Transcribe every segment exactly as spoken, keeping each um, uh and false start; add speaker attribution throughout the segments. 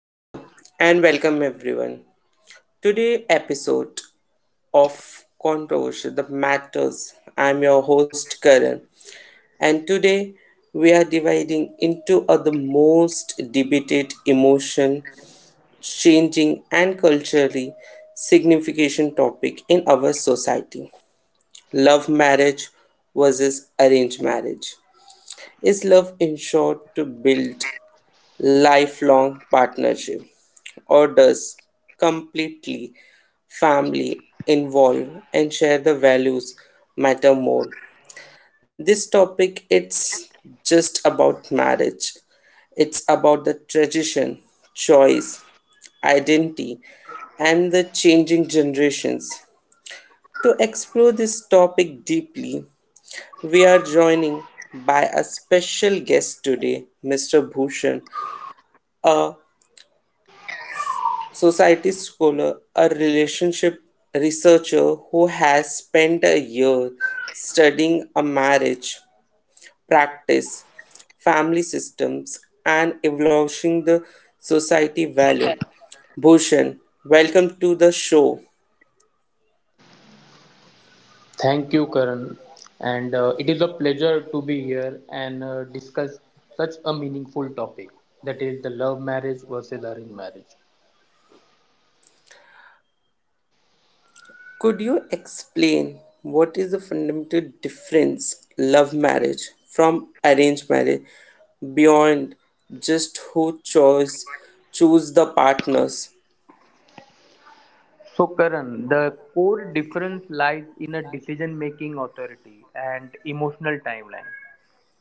Speaker 1: Hello and welcome everyone. Today episode of Controversial the Matters. I'm your host Karan, and today we are dividing into a, the most debated emotion changing and culturally significant topic in our society. Love marriage versus arranged marriage. Is love ensured to build lifelong partnership, or does completely family involve and share the values matter more? This topic it's just about marriage, it's about the tradition, choice, identity, and the changing generations. To explore this topic deeply, we are joining by a special guest today, Mister Bhushan, a society scholar, a relationship researcher who has spent a year studying a marriage, practice, family systems, and evolving the society value. Bhushan, welcome to the show.
Speaker 2: Thank you, Karan. And uh, It is a pleasure to be here and uh, discuss such a meaningful topic, that is the love marriage versus arranged marriage.
Speaker 1: Could you explain what is the fundamental difference love marriage from arranged marriage beyond just who chose choose the partners?
Speaker 2: So, Karan, the core difference lies in a decision making authority and emotional timeline.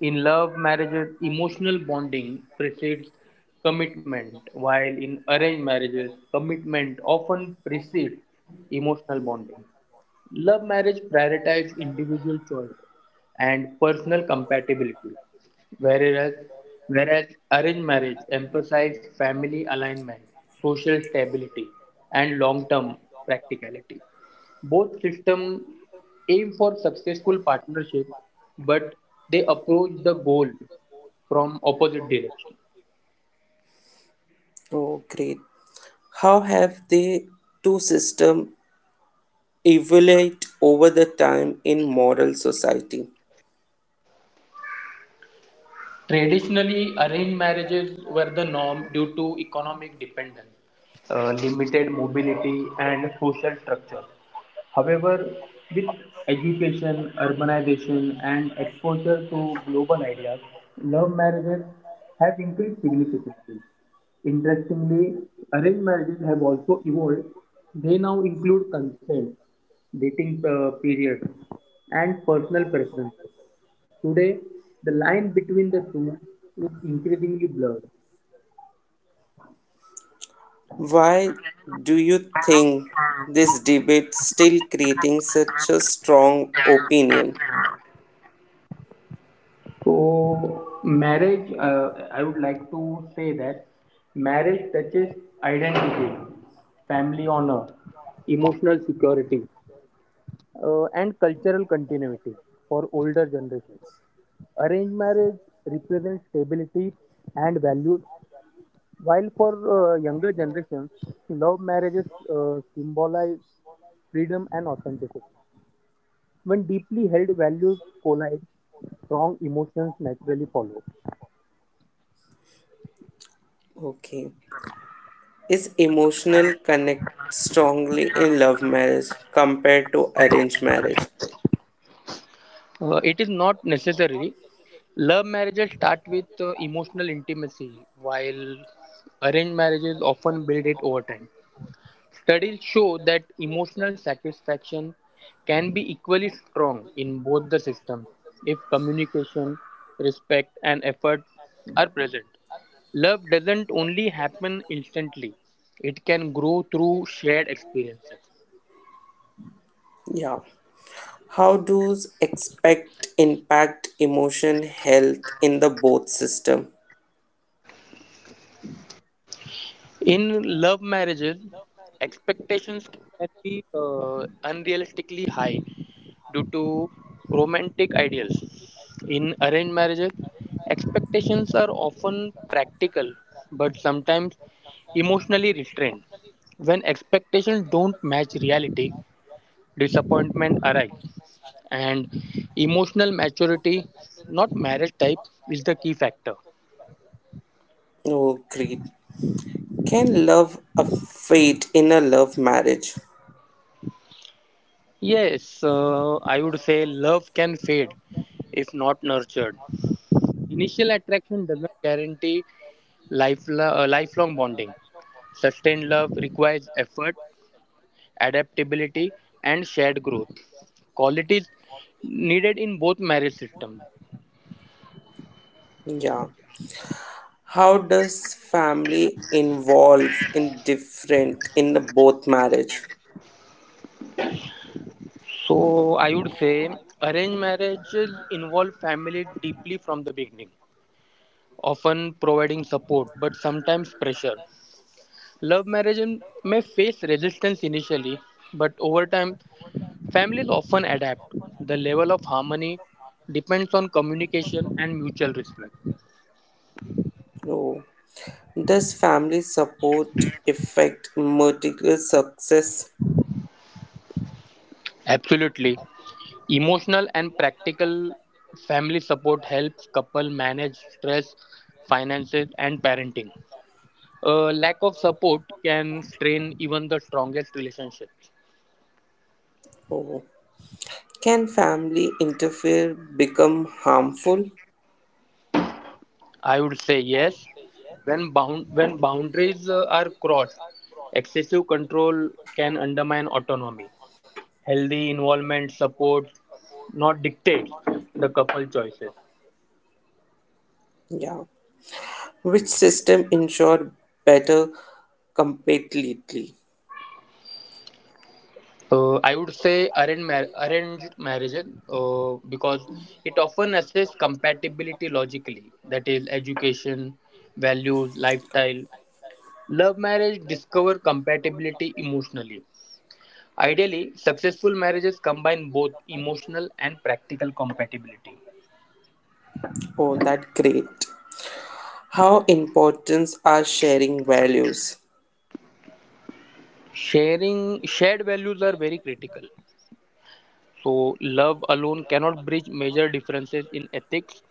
Speaker 2: In love marriages, emotional bonding precedes commitment, while in arranged marriages, commitment often precedes emotional bonding. Love marriage prioritizes individual choice and personal compatibility, whereas, whereas arranged marriage emphasizes family alignment, social stability, and long term practicality. Both systems aim for successful partnership, but they approach the goal from opposite direction.
Speaker 1: Oh, great. How have the two systems evolved over the time in moral society?
Speaker 2: Traditionally, arranged marriages were the norm due to economic dependence, uh, limited mobility, and social structure. However, with education, urbanization, and exposure to global ideas, love marriages have increased significantly. Interestingly, arranged marriages have also evolved. They now include consent, dating uh, periods, and personal preferences. Today, the line between the two is increasingly blurred.
Speaker 1: Why do you think this debate still creating such a strong opinion?
Speaker 2: So, marriage, uh, I would like to say that marriage touches identity, family honor, emotional security, uh, and cultural continuity for older generations. Arranged marriage represents stability and values, while for uh, younger generations, love marriages uh, symbolize freedom and authenticity. When deeply held values collide, strong emotions naturally follow.
Speaker 1: Okay. Is emotional connect strongly in love marriage compared to arranged marriage?
Speaker 2: Uh, it is not necessary. Love marriages start with uh, emotional intimacy, while arranged marriages often build it over time. Studies show that emotional satisfaction can be equally strong in both the systems if communication, respect, and effort are present. Love doesn't only happen instantly, it can grow through shared experiences.
Speaker 1: Yeah. How do expect impact emotion health in the both system?
Speaker 2: In love marriages, expectations can be uh, unrealistically high due to romantic ideals. In arranged marriages, expectations are often practical but sometimes emotionally restrained. When expectations don't match reality, disappointment arises, and emotional maturity, not marriage type, is the key factor.
Speaker 1: Oh, great. Can love affect in a love marriage?
Speaker 2: Yes, uh, I would say love can fade if not nurtured. Initial attraction doesn't guarantee life, uh, lifelong bonding. Sustained love requires effort, adaptability, and shared growth. Qualities needed in both marriage systems.
Speaker 1: Yeah. How does family involve in different in the both marriage?
Speaker 2: So I would say arranged marriages involve family deeply from the beginning, often providing support but sometimes pressure. Love marriage may face resistance initially, but over time families often adapt; the level of harmony depends on communication and mutual respect.
Speaker 1: Oh. Does family support affect material success?
Speaker 2: Absolutely. Emotional and practical family support helps couple manage stress, finances and parenting. A lack of support can strain even the strongest relationships.
Speaker 1: Oh. Can family interfere become harmful?
Speaker 2: I would say yes. When bound when boundaries uh, are crossed, excessive control can undermine autonomy. Healthy involvement supports, not dictates, the couple choices.
Speaker 1: Yeah. Which system ensure better completely?
Speaker 2: Uh, I would say arranged, mar- arranged marriages uh, because it often assesses compatibility logically, that is, education, values, lifestyle. Love marriage discover compatibility emotionally. Ideally, successful marriages combine both emotional and practical compatibility.
Speaker 1: Oh, that great. How important are sharing values?
Speaker 2: Sharing Shared values are very critical. So, love alone cannot bridge major differences in ethics,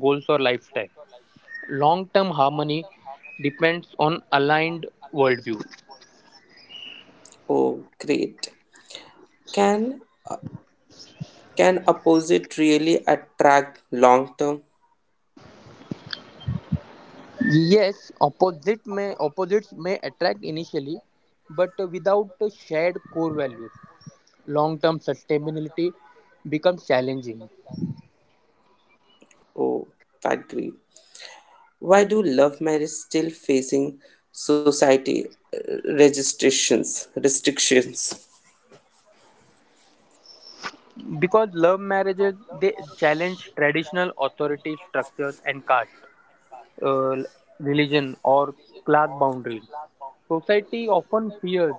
Speaker 2: goals, or lifestyle. Long term harmony depends on aligned worldviews.
Speaker 1: Oh, great. Can can opposite really attract long term?
Speaker 2: Yes, opposite may, opposites may attract initially, but without shared core values, long term sustainability becomes challenging.
Speaker 1: Oh, that great. Why do love marriage still facing society uh, registrations restrictions?
Speaker 2: Because love marriages they challenge traditional authority structures and caste, uh, religion, or class boundary. Society often fears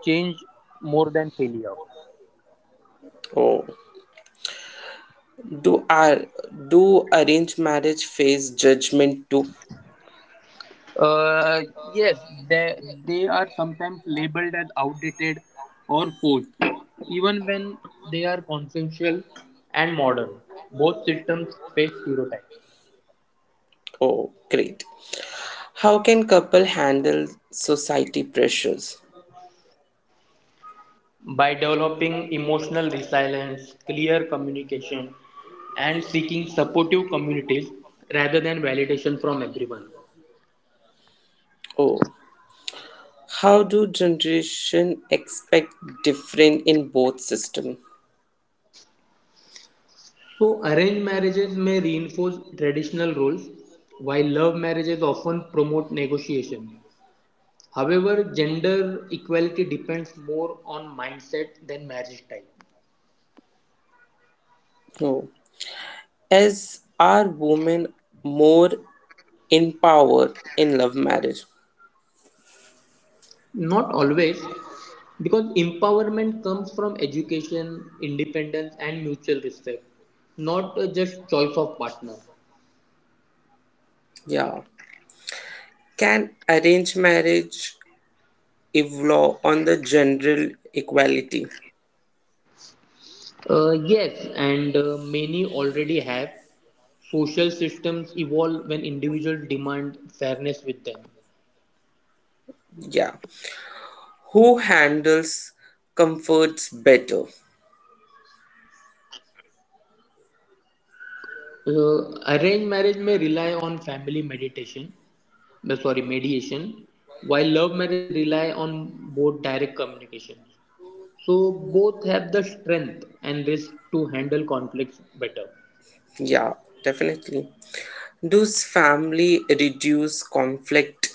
Speaker 2: change more than failure.
Speaker 1: Oh, do our do arranged marriage face judgment too?
Speaker 2: Uh, yes, they, they are sometimes labeled as outdated or forced, even when they are consensual and modern. Both systems face stereotypes.
Speaker 1: Oh, great. How can couple handle society pressures?
Speaker 2: By developing emotional resilience, clear communication, and seeking supportive communities rather than validation from everyone.
Speaker 1: Oh, how do generation expect different in both system?
Speaker 2: So, arranged marriages may reinforce traditional roles, while love marriages often promote negotiation. However, gender equality depends more on mindset than marriage type.
Speaker 1: Oh, as are women more in power in love marriage?
Speaker 2: Not always, because empowerment comes from education, independence, and mutual respect, not uh, just choice of partner.
Speaker 1: Yeah, can arranged marriage evolve on the general equality?
Speaker 2: Uh, yes, and uh, many already have. Social systems evolve when individuals demand fairness with them.
Speaker 1: Yeah, who handles comforts better?
Speaker 2: So, arranged marriage may rely on family meditation, no, sorry, mediation, while love marriage rely on both direct communications. So, both have the strength and risk to handle conflicts better.
Speaker 1: Yeah, definitely. Does family reduce conflict?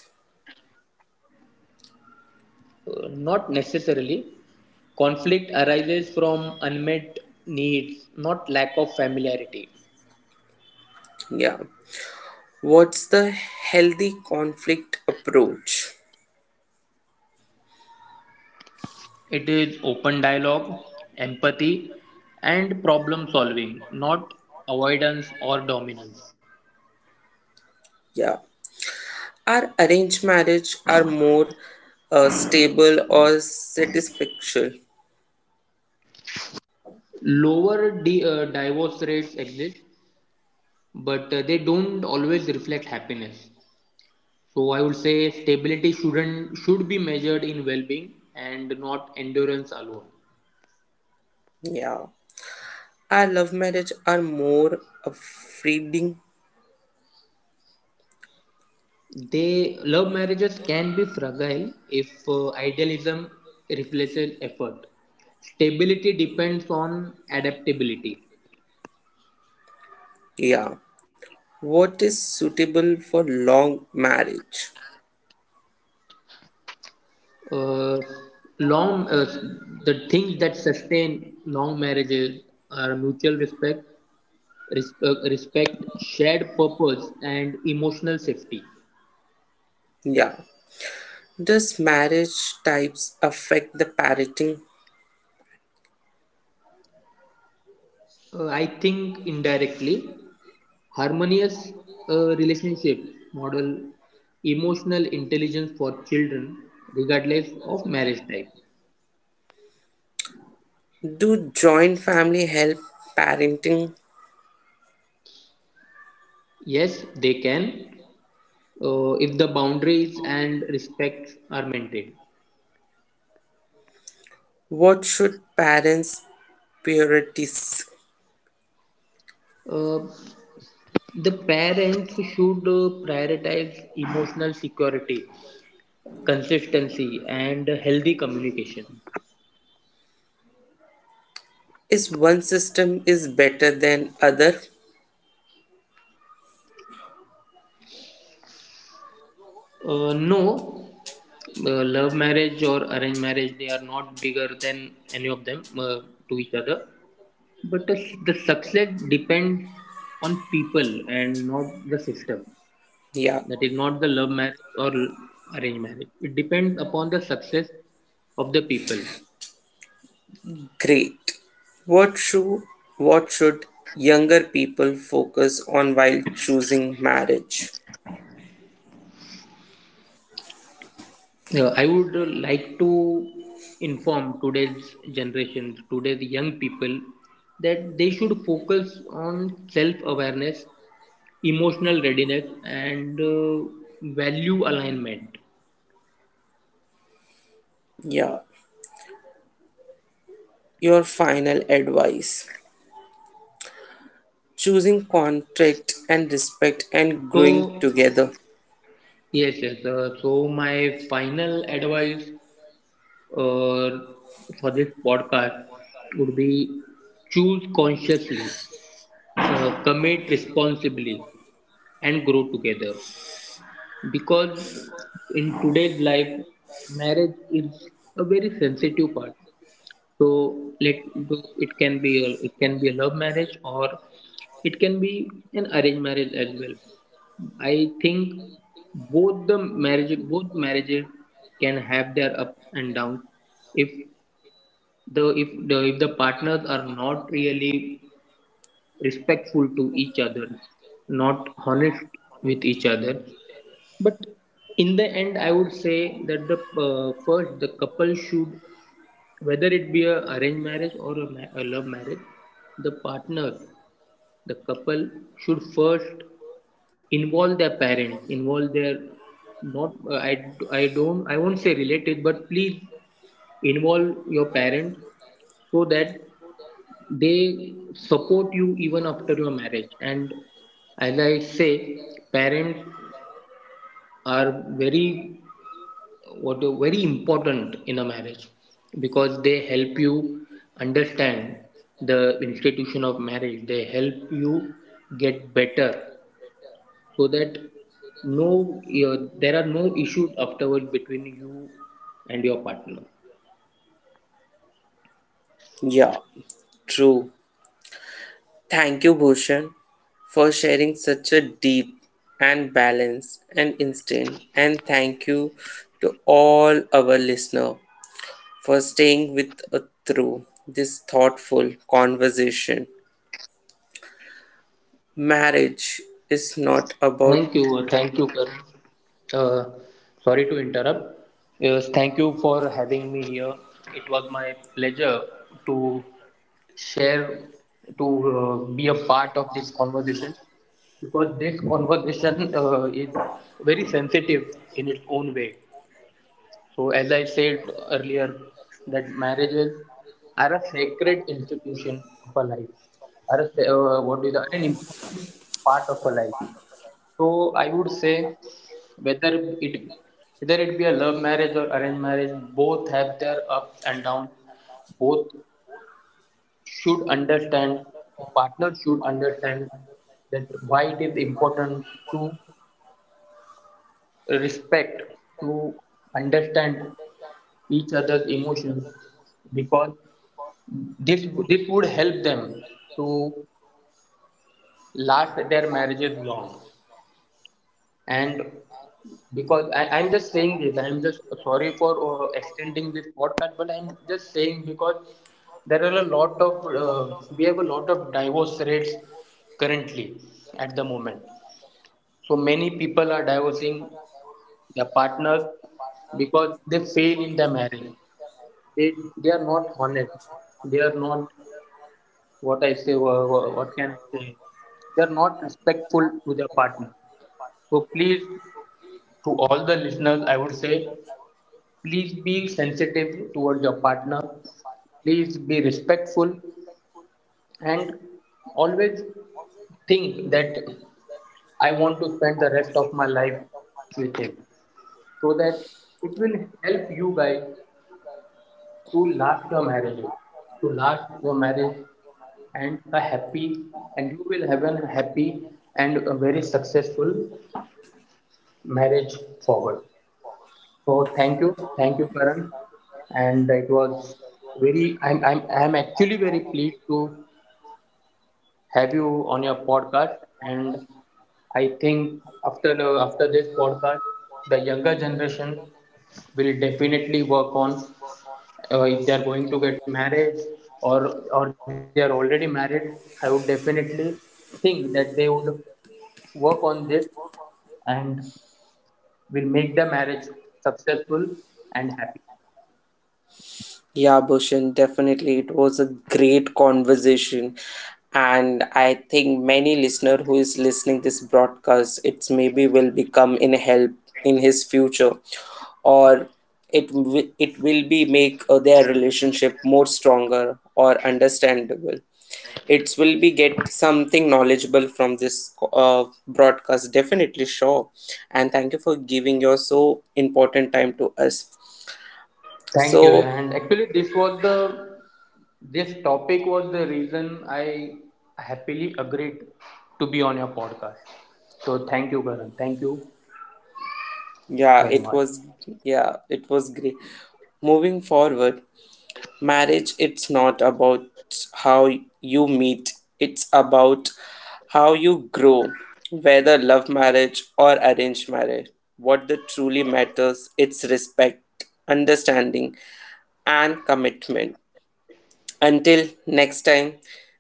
Speaker 2: Uh, not necessarily. Conflict arises from unmet needs, not lack of familiarity.
Speaker 1: Yeah, what's the healthy conflict approach?
Speaker 2: It is open dialogue, empathy, and problem solving, not avoidance or dominance.
Speaker 1: Yeah. Our arranged marriage are more uh, stable or satisfaction?
Speaker 2: Lower di- uh, divorce rates exist, but uh, they don't always reflect happiness. So I would say stability shouldn't should be measured in well-being and not endurance alone.
Speaker 1: Yeah. Our love marriage are more freeing?
Speaker 2: They Love marriages can be fragile if uh, idealism replaces effort. Stability depends on adaptability.
Speaker 1: Yeah. What is suitable for long marriage?
Speaker 2: Uh, long uh, The things that sustain long marriages are mutual respect Respe- respect, shared purpose, and emotional safety.
Speaker 1: Yeah. Does marriage types affect the parenting?
Speaker 2: Uh, I think indirectly, harmonious uh, relationship model emotional intelligence for children, regardless of marriage type.
Speaker 1: Do joint family help parenting?
Speaker 2: Yes, they can uh, if the boundaries and respects are maintained.
Speaker 1: What should parents prioritize?
Speaker 2: Uh, the parents should uh, prioritize emotional security, consistency, and healthy communication.
Speaker 1: Is one system is better than other?
Speaker 2: Uh, no, uh, love marriage or arranged marriage, they are not bigger than any of them uh, to each other. But the, the success depends on people and not the system. That is not the
Speaker 1: Yeah.
Speaker 2: love marriage or l- arranged marriage. It depends upon the success of the people.
Speaker 1: Great. What should what should younger people focus on while choosing marriage?
Speaker 2: Yeah, I would uh, like to inform today's generation, today's young people, that they should focus on self awareness emotional readiness and uh, value alignment.
Speaker 1: Yeah. Your final advice. Choosing contract and respect and growing
Speaker 2: so
Speaker 1: together.
Speaker 2: yes yes uh, so my final advice uh, for this podcast would be choose consciously, uh, commit responsibly and grow together, because in today's life marriage is a very sensitive part. So let do- it can be a, it can be a love marriage, or it can be an arranged marriage as well. I think both the marriage both marriages can have their up and down. If the if the if the partners are not really respectful to each other, not honest with each other, but in the end, I would say that the uh, first the couple should, whether it be a arranged marriage or a, ma- a love marriage, the partner, the couple should first involve their parents, involve their, not uh, I I don't, I won't say related, but please involve your parents, so that they support you even after your marriage. And as I say, parents are very what very important in a marriage because they help you understand the institution of marriage, they help you get better, so that no your, there are no issues afterwards between you and your partner.
Speaker 1: Yeah, true. Thank you Bhushan for sharing such a deep and balanced and instant, and thank you to all our listener for staying with us through this thoughtful conversation. Marriage is
Speaker 2: thank you
Speaker 1: not
Speaker 2: thank you
Speaker 1: about.
Speaker 2: Karan. Uh, Sorry to interrupt. Yes, thank you for having me here. It was my pleasure to share, to uh, be a part of this conversation, because this conversation uh, is very sensitive in its own way. So, as I said earlier, that marriages are a sacred institution of a life, are a, sa- uh, what is an important part of a life. So I would say whether it whether it be a love marriage or arranged marriage, both have their ups and downs. Both should understand the partner should understand that why it is important to respect, to understand each other's emotions, because this this would help them to last their marriages long. And because I, I'm just saying this, I'm just sorry for uh, extending this podcast, but I'm just saying because there are a lot of, uh, we have a lot of divorce rates currently at the moment. So many people are divorcing their partner because they fail in their marriage. They they are not honest. They are not what I say. wha- wha- What can I say? They are not respectful to their partner. So please, to all the listeners, I would say please be sensitive towards your partner, please be respectful, and always think that I want to spend the rest of my life with him, so that it will help you guys to last your marriages, to last your marriage and a happy, and you will have a happy and a very successful marriage forward. So thank you, thank you, Karan. And it was very. I'm I'm I'm actually very pleased to have you on your podcast. And I think after the, after this podcast, the younger generation will definitely work on, uh, if they are going to get married, or or they are already married. I would definitely think that they would work on this and will make the marriage successful and happy.
Speaker 1: Yeah, Bhushan, definitely. It was a great conversation. And I think many listener who is listening this broadcast, it's maybe will become in help in his future, or it wi- it will be make uh, their relationship more stronger or understandable. It will be get something knowledgeable from this uh, broadcast, definitely sure. And thank you for giving your so important time to us.
Speaker 2: Thank you.
Speaker 1: So.
Speaker 2: And actually, this was the this topic was the reason I happily agreed to be on your podcast. So thank you, Karan. Thank you
Speaker 1: Yeah, it
Speaker 2: very much.
Speaker 1: was. Yeah, it was great. Moving forward, marriage it's not about how you meet, it's about how you grow, whether love marriage or arranged marriage. What the truly matters, it's respect, understanding and commitment. Until next time,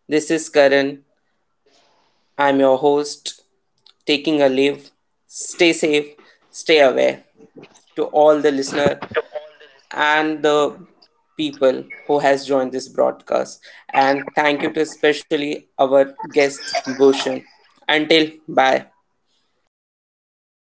Speaker 1: this is Karan. I'm your host taking a leave. Stay safe, stay aware. To all the listener, and the people who has joined this broadcast, and thank you to especially our guest Bhushan. Until bye.
Speaker 2: Thank